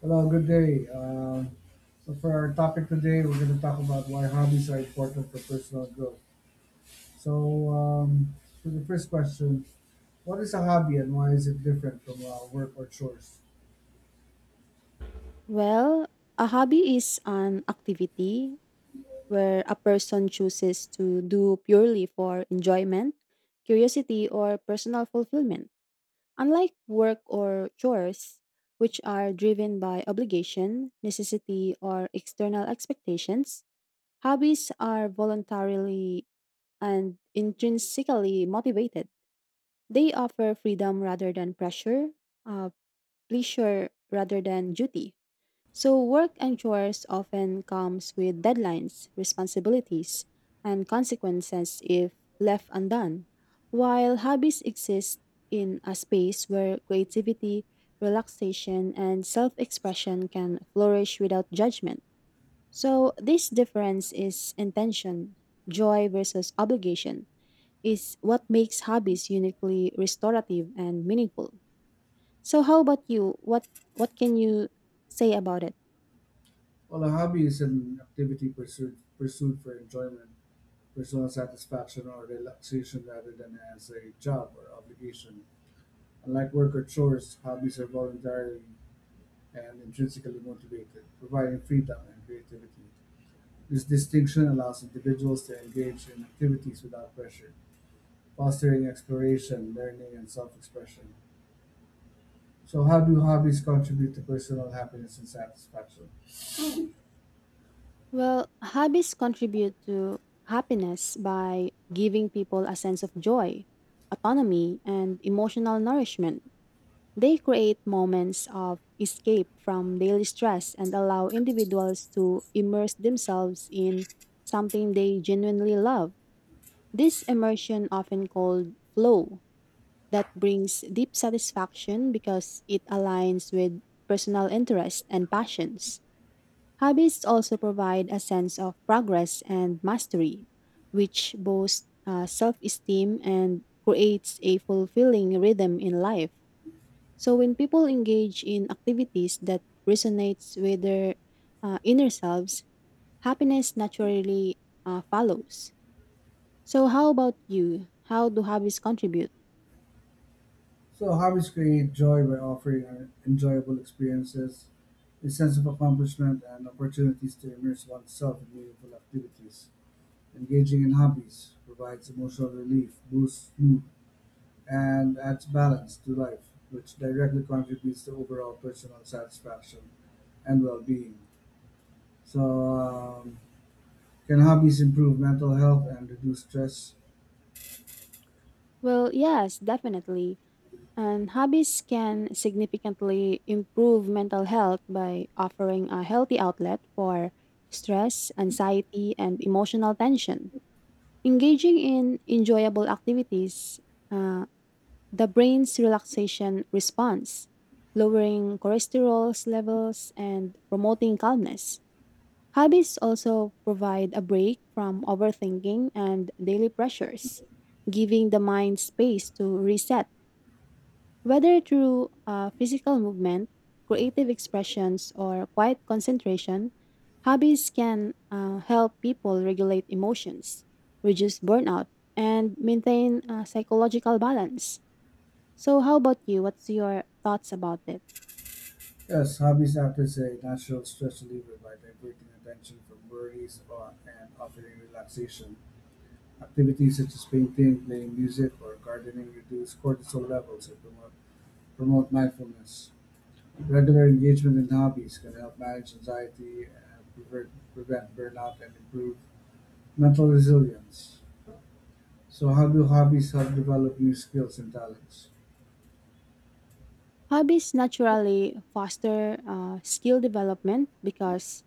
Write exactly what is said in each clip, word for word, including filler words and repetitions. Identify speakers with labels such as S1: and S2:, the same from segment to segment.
S1: Hello, good day. Um, so for our topic today, we're going to talk about why hobbies are important for personal growth. So um, for the first question, what is a hobby and why is it different from uh, work or chores?
S2: Well, a hobby is an activity where a person chooses to do purely for enjoyment, curiosity, or personal fulfillment. Unlike work or chores, which are driven by obligation, necessity, or external expectations, hobbies are voluntarily and intrinsically motivated. They offer freedom rather than pressure, uh, pleasure rather than duty. So work and chores often comes with deadlines, responsibilities, and consequences if left undone, while hobbies exist in a space where creativity, relaxation, and self-expression can flourish without judgment. So this difference is intention, joy versus obligation is what makes hobbies uniquely restorative and meaningful. So how about you? What what can you say about it?
S1: Well, a hobby is an activity pursued pursued for enjoyment, personal satisfaction, or relaxation rather than as a job or obligation. Unlike work or chores, hobbies are voluntary and intrinsically motivated, providing freedom and creativity. This distinction allows individuals to engage in activities without pressure, fostering exploration, learning, and self-expression. So, how do hobbies contribute to personal happiness and satisfaction?
S2: Well, hobbies contribute to happiness by giving people a sense of joy, autonomy, and emotional nourishment. They create moments of escape from daily stress and allow individuals to immerse themselves in something they genuinely love. This immersion, often called flow, that brings deep satisfaction because it aligns with personal interest and passions. Hobbies also provide a sense of progress and mastery, which boosts uh, self esteem and creates a fulfilling rhythm in life. So, when people engage in activities that resonates with their uh, inner selves, happiness naturally uh, follows. So, how about you? How do hobbies contribute?
S1: So, hobbies create joy by offering uh, enjoyable experiences, a sense of accomplishment, and opportunities to immerse oneself in meaningful activities. Engaging in hobbies provides emotional relief, boosts mood, and adds balance to life, which directly contributes to overall personal satisfaction and well being. So, um, can hobbies improve mental health and reduce stress?
S2: Well, yes, definitely. And hobbies can significantly improve mental health by offering a healthy outlet for stress, anxiety, and emotional tension. Engaging in enjoyable activities, uh, the brain's relaxation response, lowering cholesterol levels, and promoting calmness. Hobbies also provide a break from overthinking and daily pressures, giving the mind space to reset whether through uh, physical movement, creative expressions, or quiet concentration, hobbies can uh, help people regulate emotions, reduce burnout, and maintain uh, psychological balance. So, how about you? What's your thoughts about it?
S1: Yes, hobbies act as a natural stress reliever by diverting attention from worries or, and offering relaxation. Activities such as painting, playing music, or gardening reduce cortisol levels and promote, promote mindfulness. Regular engagement in hobbies can help manage anxiety, and prevent, prevent burnout, and improve mental resilience. So, how do hobbies help develop new skills and talents?
S2: Hobbies naturally foster uh, skill development because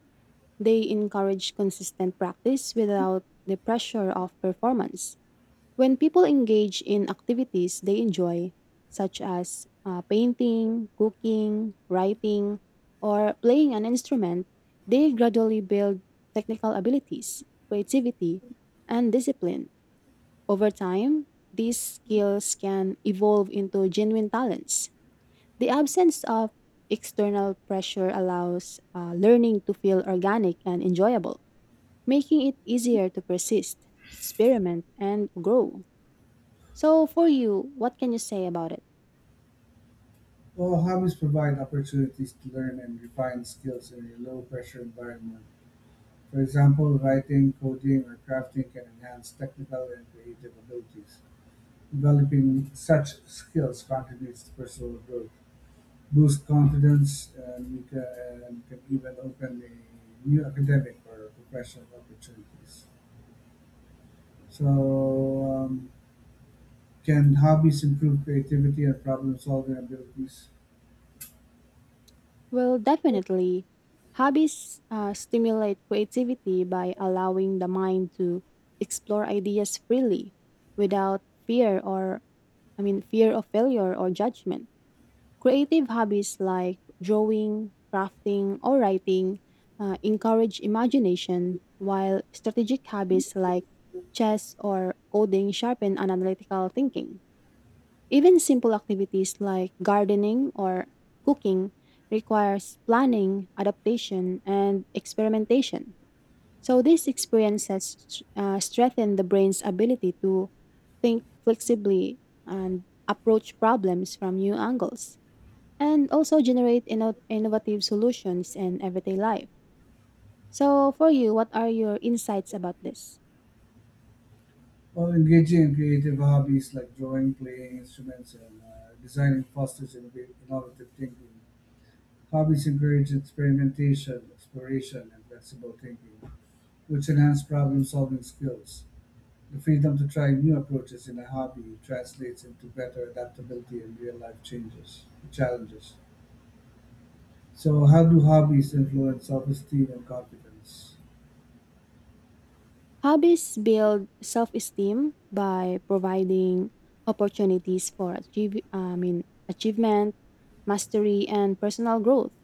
S2: they encourage consistent practice without the pressure of performance. When people engage in activities they enjoy, such as uh, painting, cooking, writing, or playing an instrument, they gradually build technical abilities, creativity, and discipline. Over time, these skills can evolve into genuine talents. The absence of external pressure allows uh, learning to feel organic and enjoyable, making it easier to persist, experiment, and grow. So, for you, what can you say about it?
S1: Well, hobbies provide opportunities to learn and refine skills in a low pressure environment. For example, writing, coding, or crafting can enhance technical and creative abilities. Developing such skills contributes to personal growth boost confidence and you can, and can even open a new academic or professional opportunities. So, um, can hobbies improve creativity and problem solving abilities?
S2: Well, definitely, hobbies uh, stimulate creativity by allowing the mind to explore ideas freely without fear or, I mean, fear of failure or judgment. Creative hobbies like drawing, crafting, or writing uh, encourage imagination, while strategic hobbies like chess or coding sharpen analytical thinking. Even simple activities like gardening or cooking requires planning, adaptation, and experimentation. So these experiences uh, strengthen the brain's ability to think flexibly and approach problems from new angles and also generate inno- innovative solutions in everyday life. So for you, what are your insights about this?
S1: Well, engaging in creative hobbies like drawing, playing instruments, and uh, designing fosters innov- innovative thinking. Hobbies encourage experimentation, exploration, and flexible thinking, which enhance problem solving skills. The freedom to try new approaches in a hobby translates into better adaptability in real life changes challenges. So, how do hobbies influence self esteem and confidence?
S2: Hobbies build self esteem by providing opportunities for achieve, I mean, achievement, mastery, and personal growth.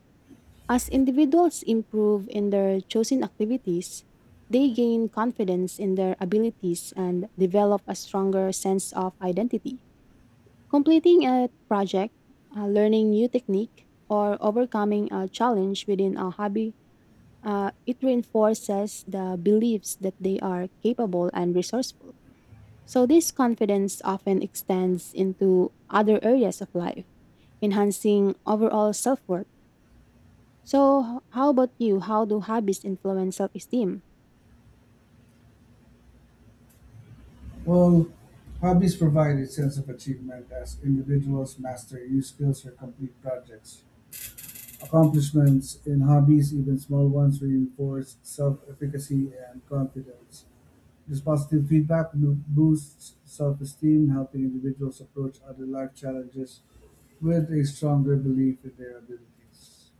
S2: As individuals improve in their chosen activities, they gain confidence in their abilities and develop a stronger sense of identity. Completing a project, uh, learning new technique, or overcoming a challenge within a hobby uh, it reinforces the beliefs that they are capable and resourceful. So, this confidence often extends into other areas of life, enhancing overall self worth. So, how about you? How do hobbies influence self esteem?
S1: Well, hobbies provide a sense of achievement as individuals master new skills or complete projects. Accomplishments in hobbies, even small ones, reinforce self efficacy and confidence. This positive feedback loop boosts self esteem, helping individuals approach other life challenges with a stronger belief in their abilities.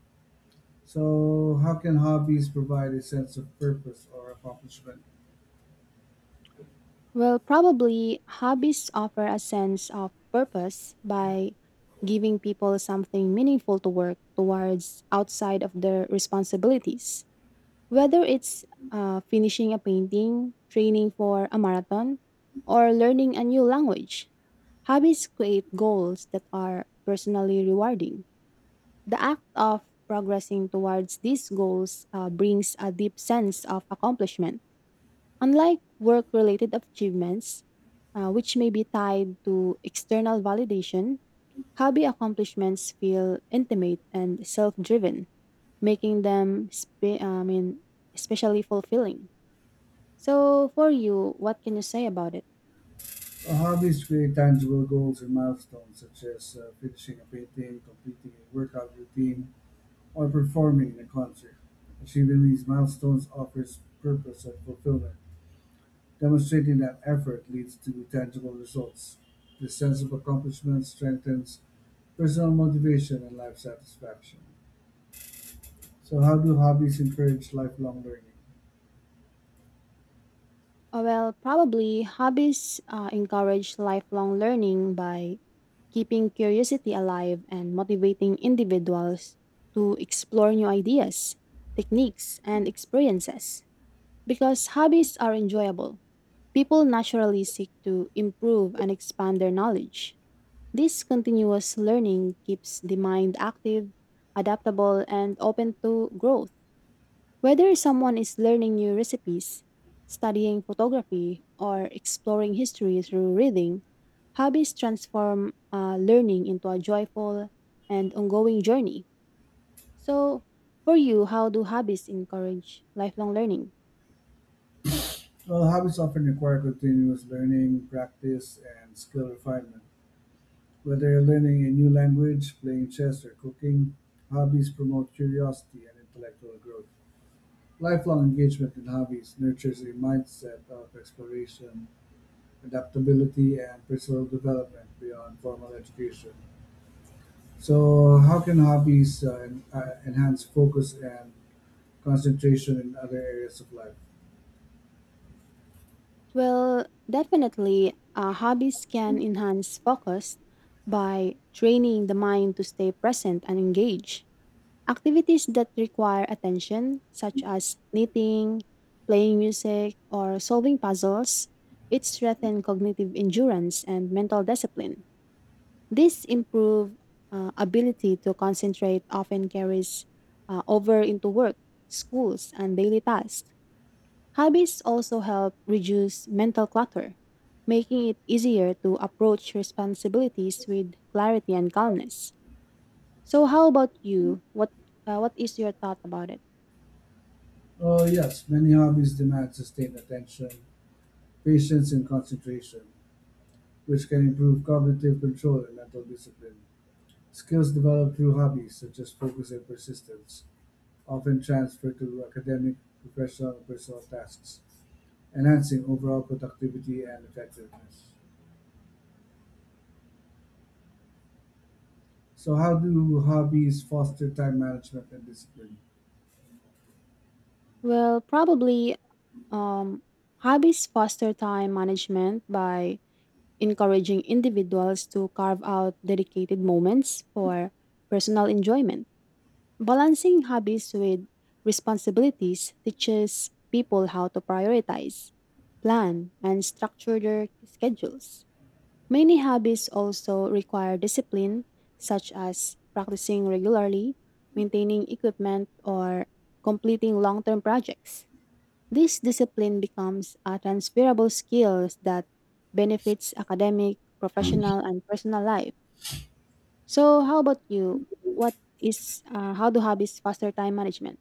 S1: So, how can hobbies provide a sense of purpose or accomplishment?
S2: Well, probably hobbies offer a sense of purpose by giving people something meaningful to work towards outside of their responsibilities. Whether it's uh, finishing a painting, training for a marathon, or learning a new language, hobbies create goals that are personally rewarding. The act of progressing towards these goals uh, brings a deep sense of accomplishment. Unlike work related achievements, uh, which may be tied to external validation, hobby accomplishments feel intimate and self driven, making them spe- uh, I mean, especially fulfilling. So, for you, what can you say about it?
S1: Well, hobbies create tangible goals and milestones, such as uh, finishing a painting, completing a workout routine, or performing in a concert. Achieving these milestones offers purpose and fulfillment, demonstrating that effort leads to tangible results. This sense of accomplishment strengthens personal motivation and life satisfaction. So, how do hobbies encourage lifelong learning?
S2: Uh, well, probably hobbies uh, encourage lifelong learning by keeping curiosity alive and motivating individuals to explore new ideas, techniques, and experiences. Because hobbies are enjoyable, people naturally seek to improve and expand their knowledge. This continuous learning keeps the mind active, adaptable, and open to growth. Whether someone is learning new recipes, studying photography, or exploring history through reading, hobbies transform uh, learning into a joyful and ongoing journey. So, for you, how do hobbies encourage lifelong learning?
S1: Well, hobbies often require continuous learning, practice, and skill refinement. Whether you're learning a new language, playing chess, or cooking, hobbies promote curiosity and intellectual growth. Lifelong engagement in hobbies nurtures a mindset of exploration, adaptability, and personal development beyond formal education. So, how can hobbies uh, en- uh, enhance focus and concentration in other areas of life?
S2: Well, definitely, uh, hobbies can enhance focus by training the mind to stay present and engaged. Activities that require attention, such as knitting, playing music, or solving puzzles, it strengthen cognitive endurance and mental discipline. This improved uh, ability to concentrate often carries uh, over into work, schools, and daily tasks. Hobbies also help reduce mental clutter, making it easier to approach responsibilities with clarity and calmness. So, how about you? What uh, what is your thought about it?
S1: Uh, yes, many hobbies demand sustained attention, patience, and concentration, which can improve cognitive control and mental discipline. Skills developed through hobbies, such as focus and persistence, often transfer to academic, professional, and personal tasks, enhancing overall productivity and effectiveness. So, how do hobbies foster time management and discipline?
S2: Well, probably um, hobbies foster time management by encouraging individuals to carve out dedicated moments for personal enjoyment. Balancing hobbies with responsibilities teaches people how to prioritize, plan, and structure their schedules. Many hobbies also require discipline, such as practicing regularly, maintaining equipment, or completing long term projects. This discipline becomes a transferable skill that benefits academic, professional, and personal life. So, how about you? What is uh, How do hobbies foster time management?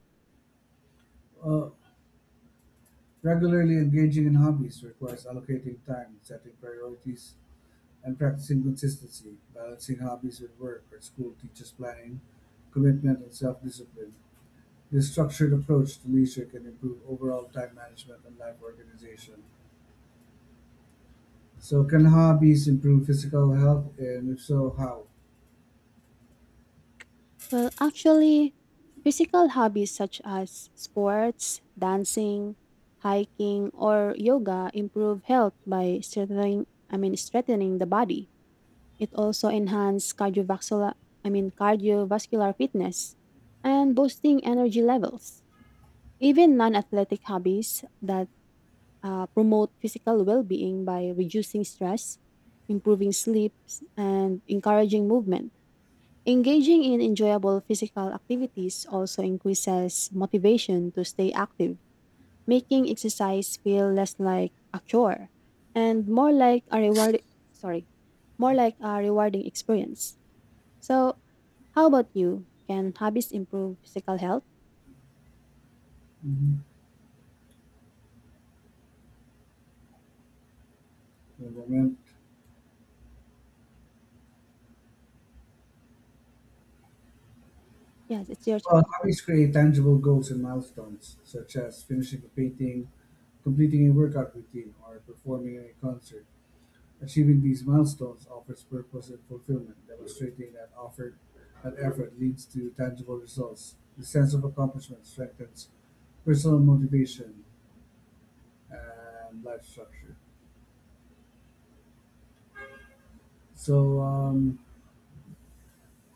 S1: Uh, Regularly engaging in hobbies requires allocating time, setting priorities, and practicing consistency, balancing hobbies with work or school teaches planning, commitment, and self discipline. This structured approach to leisure can improve overall time management and life organization. So, can hobbies improve physical health, and if so, how?
S2: Well, actually, physical hobbies such as sports, dancing, hiking, or yoga improve health by strengthening I mean strengthening the body. It also enhances cardiovascular I mean cardiovascular fitness and boosting energy levels. Even non-athletic hobbies that uh, promote physical well-being by reducing stress, improving sleep, and encouraging movement. Engaging in enjoyable physical activities also increases motivation to stay active, making exercise feel less like a chore and more like a reward sorry, more like a rewarding experience. So, how about you? Can hobbies improve physical health?
S1: Hmm, moment.
S2: Yes, it's your
S1: Well,
S2: turn.
S1: hobbies create tangible goals and milestones, such as finishing a painting, completing a workout routine, or performing in a concert. Achieving these milestones offers purpose and fulfillment, demonstrating that offered and effort leads to tangible results. The sense of accomplishment strengthens personal motivation and life structure. So, um,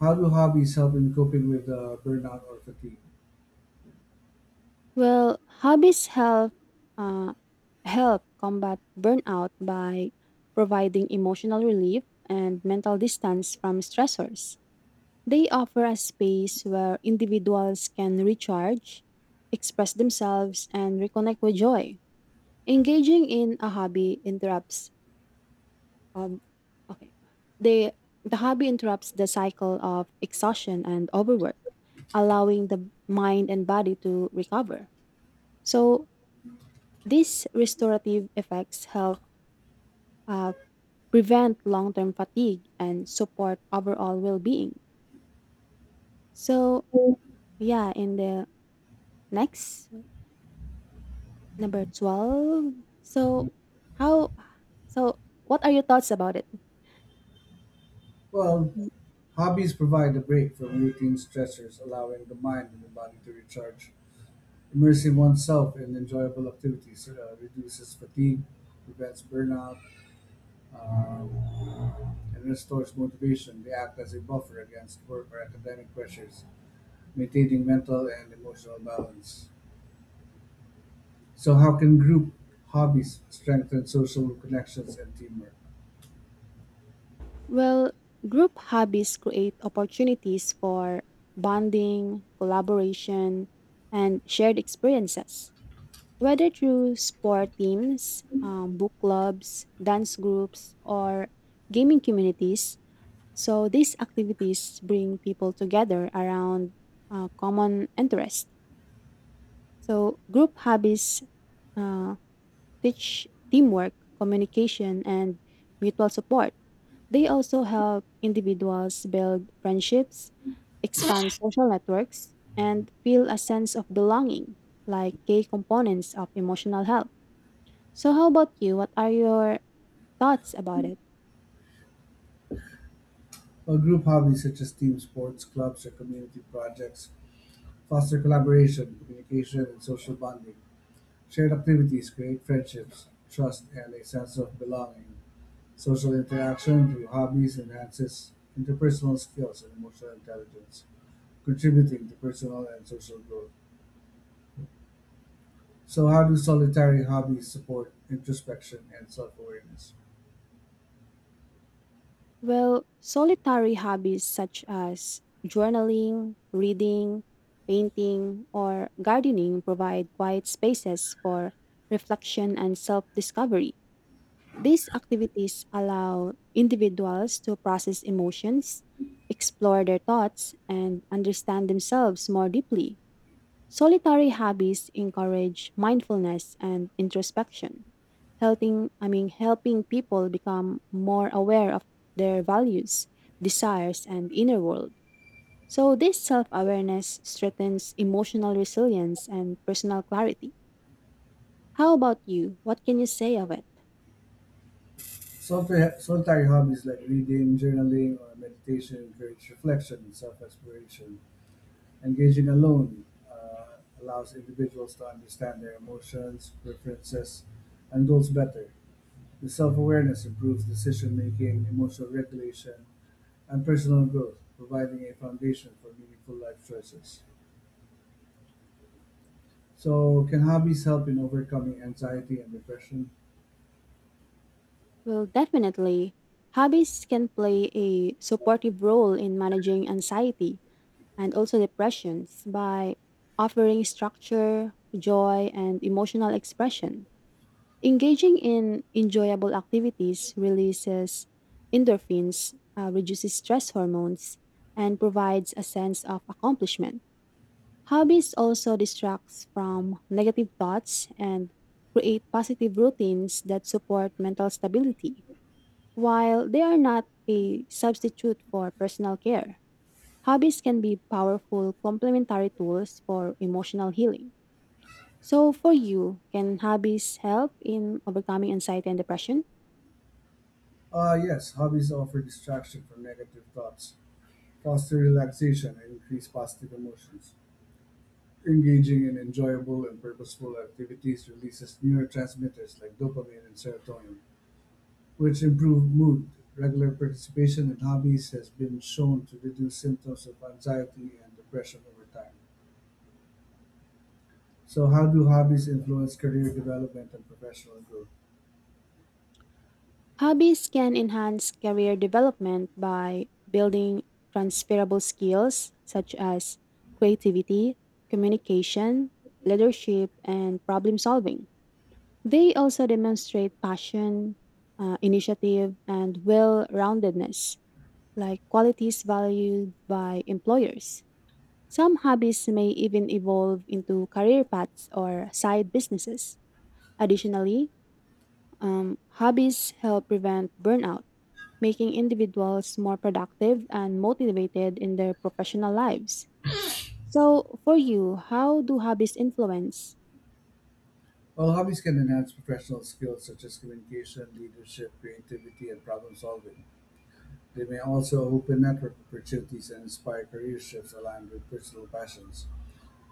S1: how do hobbies help in coping with uh, burnout or fatigue?
S2: Well, hobbies help uh, help combat burnout by providing emotional relief and mental distance from stressors. They offer a space where individuals can recharge, express themselves, and reconnect with joy. Engaging in a hobby interrupts um okay. They the hobby interrupts the cycle of exhaustion and overwork, allowing the mind and body to recover. So, these restorative effects help uh, prevent long term fatigue and support overall well being. So, yeah, in the next number twelve. So, how, so what are your thoughts about it?
S1: Well, hobbies provide a break from routine stressors, allowing the mind and the body to recharge. Immersing oneself in enjoyable activities uh, reduces fatigue, prevents burnout, um, and restores motivation. They act as a buffer against work or academic pressures, maintaining mental and emotional balance. So, how can group hobbies strengthen social connections and teamwork?
S2: Well, group hobbies create opportunities for bonding, collaboration, and shared experiences. Whether through sport teams, um, book clubs, dance groups, or gaming communities, so these activities bring people together around uh, common interests. So group hobbies uh, teach teamwork, communication, and mutual support. They also help individuals build friendships, expand social networks, and feel a sense of belonging, like key components of emotional health. So, how about you? What are your thoughts about it?
S1: Well, group hobbies such as team sports, clubs, or community projects foster collaboration, communication, and social bonding. Shared activities create friendships, trust, and a sense of belonging. Social interaction through hobbies enhances interpersonal skills and emotional intelligence, contributing to personal and social growth. So, how do solitary hobbies support introspection and self awareness?
S2: Well, solitary hobbies such as journaling, reading, painting, or gardening provide quiet spaces for reflection and self discovery. These activities allow individuals to process emotions, explore their thoughts, and understand themselves more deeply. Solitary hobbies encourage mindfulness and introspection, helping I mean helping people become more aware of their values, desires and inner world. So this self-awareness strengthens emotional resilience and personal clarity. How about you? What can you say of it?
S1: Solitary hobbies like reading, journaling, or meditation encourage reflection and self exploration. Engaging alone uh, allows individuals to understand their emotions, preferences, and goals better. The self awareness improves decision making, emotional regulation, and personal growth, providing a foundation for meaningful life choices. So, can hobbies help in overcoming anxiety and depression?
S2: Well, definitely. Hobbies can play a supportive role in managing anxiety and also depressions by offering structure, joy, and emotional expression. Engaging in enjoyable activities releases endorphins, uh, reduces stress hormones, and provides a sense of accomplishment. Hobbies also distracts from negative thoughts and create positive routines that support mental stability, while they are not a substitute for personal care. Hobbies can be powerful complementary tools for emotional healing. So, for you, can hobbies help in overcoming anxiety and depression?
S1: Uh, yes, hobbies offer distraction from negative thoughts, foster relaxation, and increase positive emotions. Engaging in enjoyable and purposeful activities releases neurotransmitters like dopamine and serotonin, which improve mood. Regular participation in hobbies has been shown to reduce symptoms of anxiety and depression over time. So, how do hobbies influence career development and professional growth?
S2: Hobbies can enhance career development by building transferable skills such as creativity, communication, leadership, and problem solving. They also demonstrate passion, uh, initiative, and well roundedness, like qualities valued by employers. Some hobbies may even evolve into career paths or side businesses. Additionally, um, hobbies help prevent burnout, making individuals more productive and motivated in their professional lives. So, for you, how do hobbies influence?
S1: While hobbies can enhance professional skills such as communication, leadership, creativity, and problem solving, they may also open network opportunities and inspire career shifts aligned with personal passions.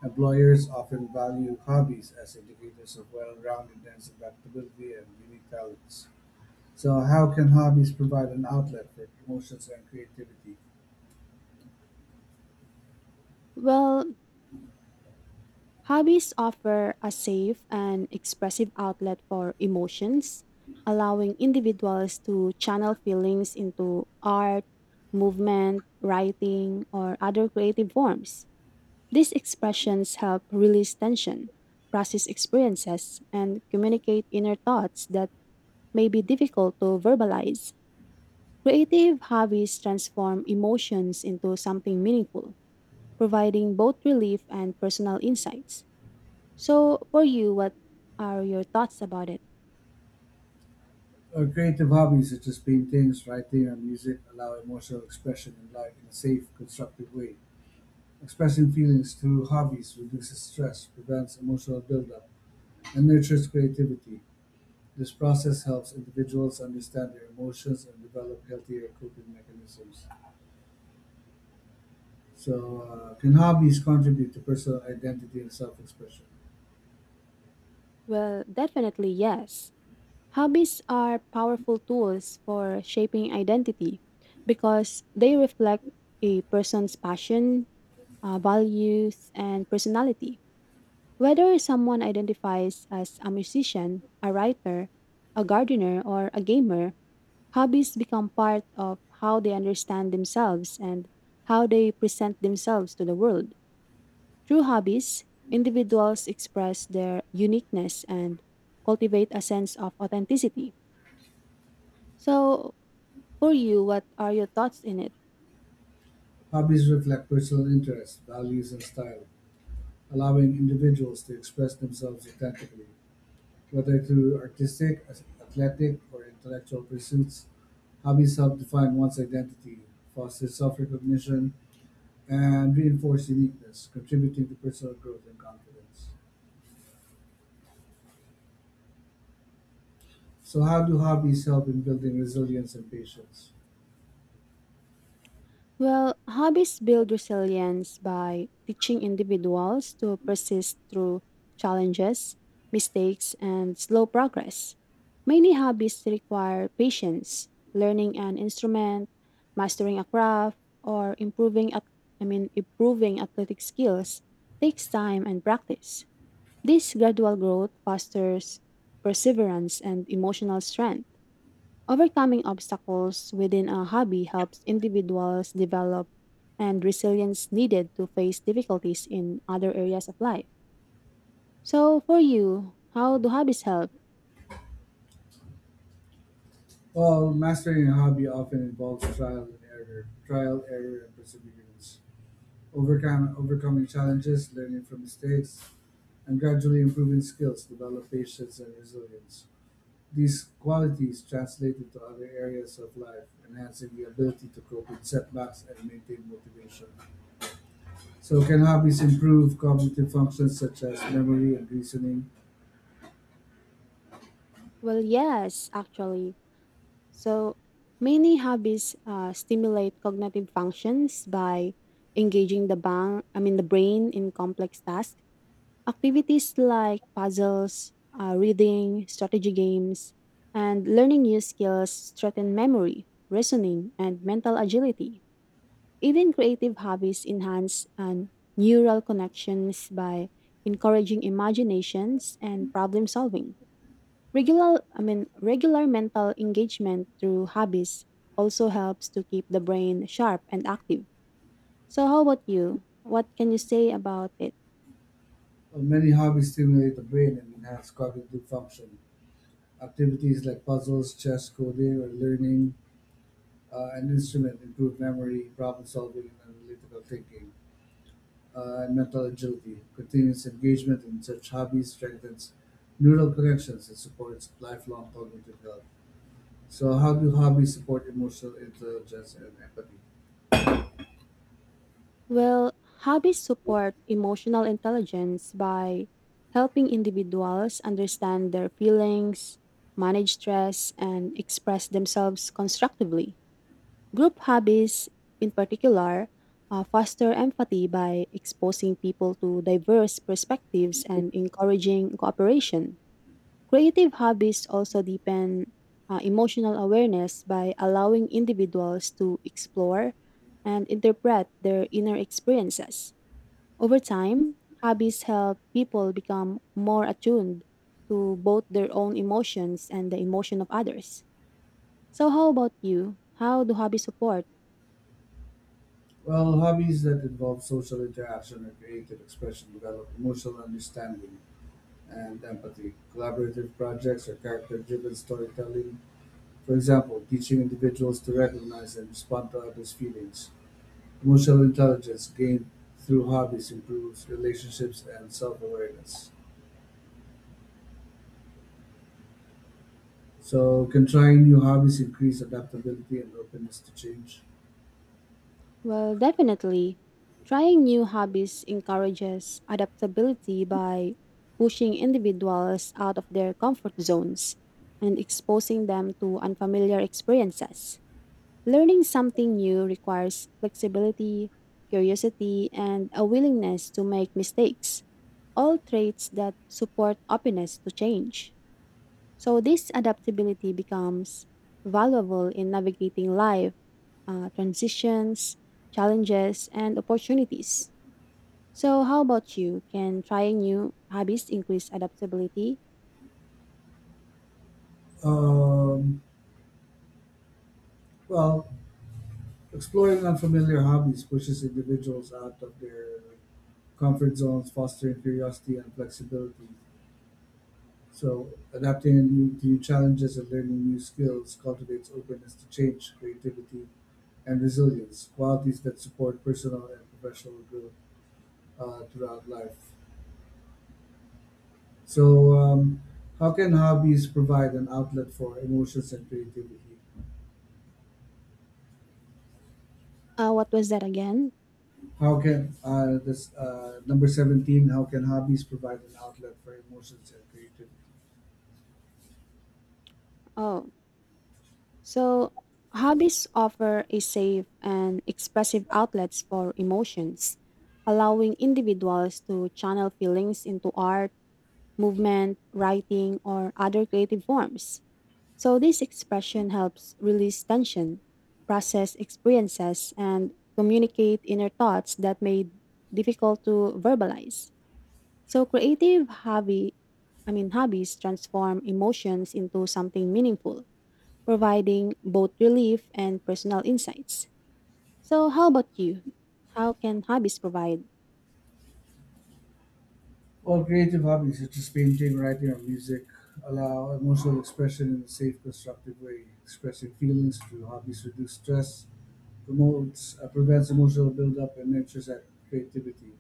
S1: Employers often value hobbies as indicators of well roundedness, adaptability, and unique talents. So, how can hobbies provide an outlet for emotions and creativity?
S2: Well, hobbies offer a safe and expressive outlet for emotions, allowing individuals to channel feelings into art, movement, writing, or other creative forms. These expressions help release tension, process experiences, and communicate inner thoughts that may be difficult to verbalize. Creative hobbies transform emotions into something meaningful, providing both relief and personal insights. So, for you, what are your thoughts about it?
S1: Or creative hobbies such as paintings, writing, or music allow emotional expression in life in a safe, constructive way. Expressing feelings through hobbies reduces stress, prevents emotional buildup, and nurtures creativity. This process helps individuals understand their emotions and develop healthier coping mechanisms. So, uh, can hobbies contribute to personal identity and self expression?
S2: Well, definitely yes. Hobbies are powerful tools for shaping identity because they reflect a person's passion, uh, values, and personality. Whether someone identifies as a musician, a writer, a gardener, or a gamer, hobbies become part of how they understand themselves and how they present themselves to the world. Through hobbies, individuals express their uniqueness and cultivate a sense of authenticity. So, for you, what are your thoughts in it?
S1: Hobbies reflect personal interests, values, and style, allowing individuals to express themselves authentically. Whether through artistic, athletic, or intellectual pursuits, hobbies help define one's identity, foster self recognition, and reinforce uniqueness, contributing to personal growth and confidence. So, how do hobbies help in building resilience and patience?
S2: Well, hobbies build resilience by teaching individuals to persist through challenges, mistakes, and slow progress. Many hobbies require patience, learning an instrument, mastering a craft, or improving at I mean improving athletic skills takes time and practice. This gradual growth fosters perseverance and emotional strength. Overcoming obstacles within a hobby helps individuals develop and resilience needed to face difficulties in other areas of life. So, for you, how do hobbies help?
S1: Well, mastering a hobby often involves trial and error, trial, error, and perseverance. Overcome, overcoming challenges, learning from mistakes, and gradually improving skills develop patience and resilience. These qualities translate into other areas of life, enhancing the ability to cope with setbacks and maintain motivation. So can hobbies improve cognitive functions such as memory and reasoning?
S2: Well, yes, actually. So, many hobbies uh, stimulate cognitive functions by engaging the bang, I mean the brain in complex tasks. Activities like puzzles, uh, reading, strategy games, and learning new skills strengthen memory, reasoning, and mental agility. Even creative hobbies enhance and neural connections by encouraging imaginations and problem solving. Regular, I mean, regular mental engagement through hobbies also helps to keep the brain sharp and active. So, how about you? What can you say about it?
S1: Well, many hobbies stimulate the brain and enhance cognitive function. Activities like puzzles, chess, coding, or learning uh, an instrument improve memory, problem solving, and analytical thinking, uh, and mental agility. Continuous engagement in such hobbies strengthens neural connections and supports lifelong cognitive health. So, how do hobbies support emotional intelligence and empathy?
S2: Well, hobbies support emotional intelligence by helping individuals understand their feelings, manage stress, and express themselves constructively. Group hobbies, in particular, uh, foster empathy by exposing people to diverse perspectives and encouraging cooperation. Creative hobbies also deepen uh, emotional awareness by allowing individuals to explore and interpret their inner experiences. Over time, hobbies help people become more attuned to both their own emotions and the emotion of others. So, how about you? How do hobbies support?
S1: Well, hobbies that involve social interaction or creative expression develop emotional understanding and empathy. Collaborative projects or character driven storytelling, for example, teaching individuals to recognize and respond to others' feelings. Emotional intelligence gained through hobbies improves relationships and self awareness. So, can trying new hobbies increase adaptability and openness to change?
S2: Well, definitely. Trying new hobbies encourages adaptability by pushing individuals out of their comfort zones and exposing them to unfamiliar experiences. Learning something new requires flexibility, curiosity, and a willingness to make mistakes, all traits that support openness to change. So, this adaptability becomes valuable in navigating life uh, transitions, challenges, and opportunities. So, how about you? Can trying new hobbies increase adaptability?
S1: Um, well, exploring unfamiliar hobbies pushes individuals out of their Comfort zones foster curiosity and flexibility, so adapting anew to new challenges and learning new skills cultivates openness to change, creativity, and resilience, qualities that support personal and professional growth uh, throughout life. So, um, how can hobbies provide an outlet for emotions and creativity?
S2: Uh, what was that again?
S1: How can uh, this uh, number seventeen? How can hobbies provide an outlet for emotions and creativity?
S2: Oh, so hobbies offer a safe and expressive outlets for emotions, allowing individuals to channel feelings into art, movement, writing, or other creative forms. So, this expression helps release tension, process experiences, and communicate inner thoughts that may difficult to verbalize. So, creative hobby, I mean hobbies transform emotions into something meaningful, providing both relief and personal insights. So, how about you? How can hobbies provide?
S1: Well, creative hobbies such as painting, writing, or music allow emotional expression in a safe, constructive way. Expressing feelings through hobbies reduces stress, promotes, uh, prevents emotional buildup, and nurtures that creativity.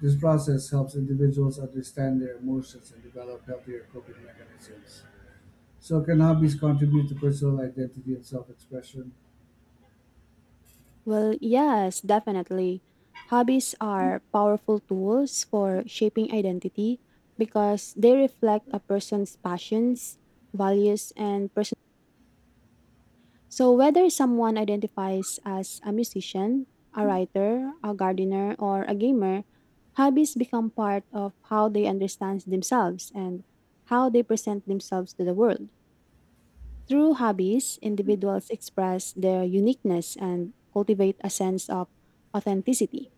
S1: This process helps individuals understand their emotions and develop healthier coping mechanisms. So, can hobbies contribute to personal identity and self expression?
S2: Well, yes, definitely. Hobbies are powerful tools for shaping identity because they reflect a person's passions, values, and person. So, whether someone identifies as a musician, a writer, a gardener, or a gamer, hobbies become part of how they understand themselves and how they present themselves to the world. Through hobbies, individuals express their uniqueness and cultivate a sense of authenticity.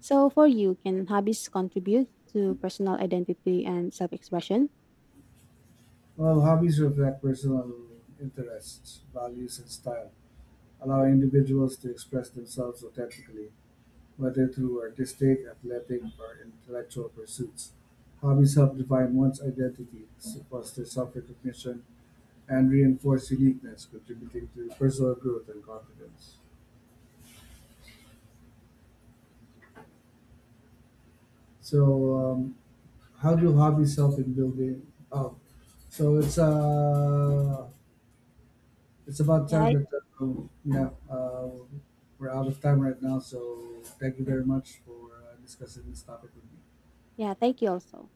S2: So, for you, can hobbies contribute to personal identity and self expression?
S1: Well, hobbies reflect personal interests, values, and style, allowing individuals to express themselves authentically, whether through artistic, athletic, or intellectual pursuits. Hobbies help define one's identity, s- foster self recognition, and reinforce uniqueness, contributing to personal growth and confidence. So, um, how do hobbies help in building? Oh, so it's uh, it's about
S2: Yeah,
S1: time
S2: I-
S1: that uh, yeah, uh, we're out of time right now. So, thank you very much for uh, discussing this topic with me.
S2: yeah, thank you also.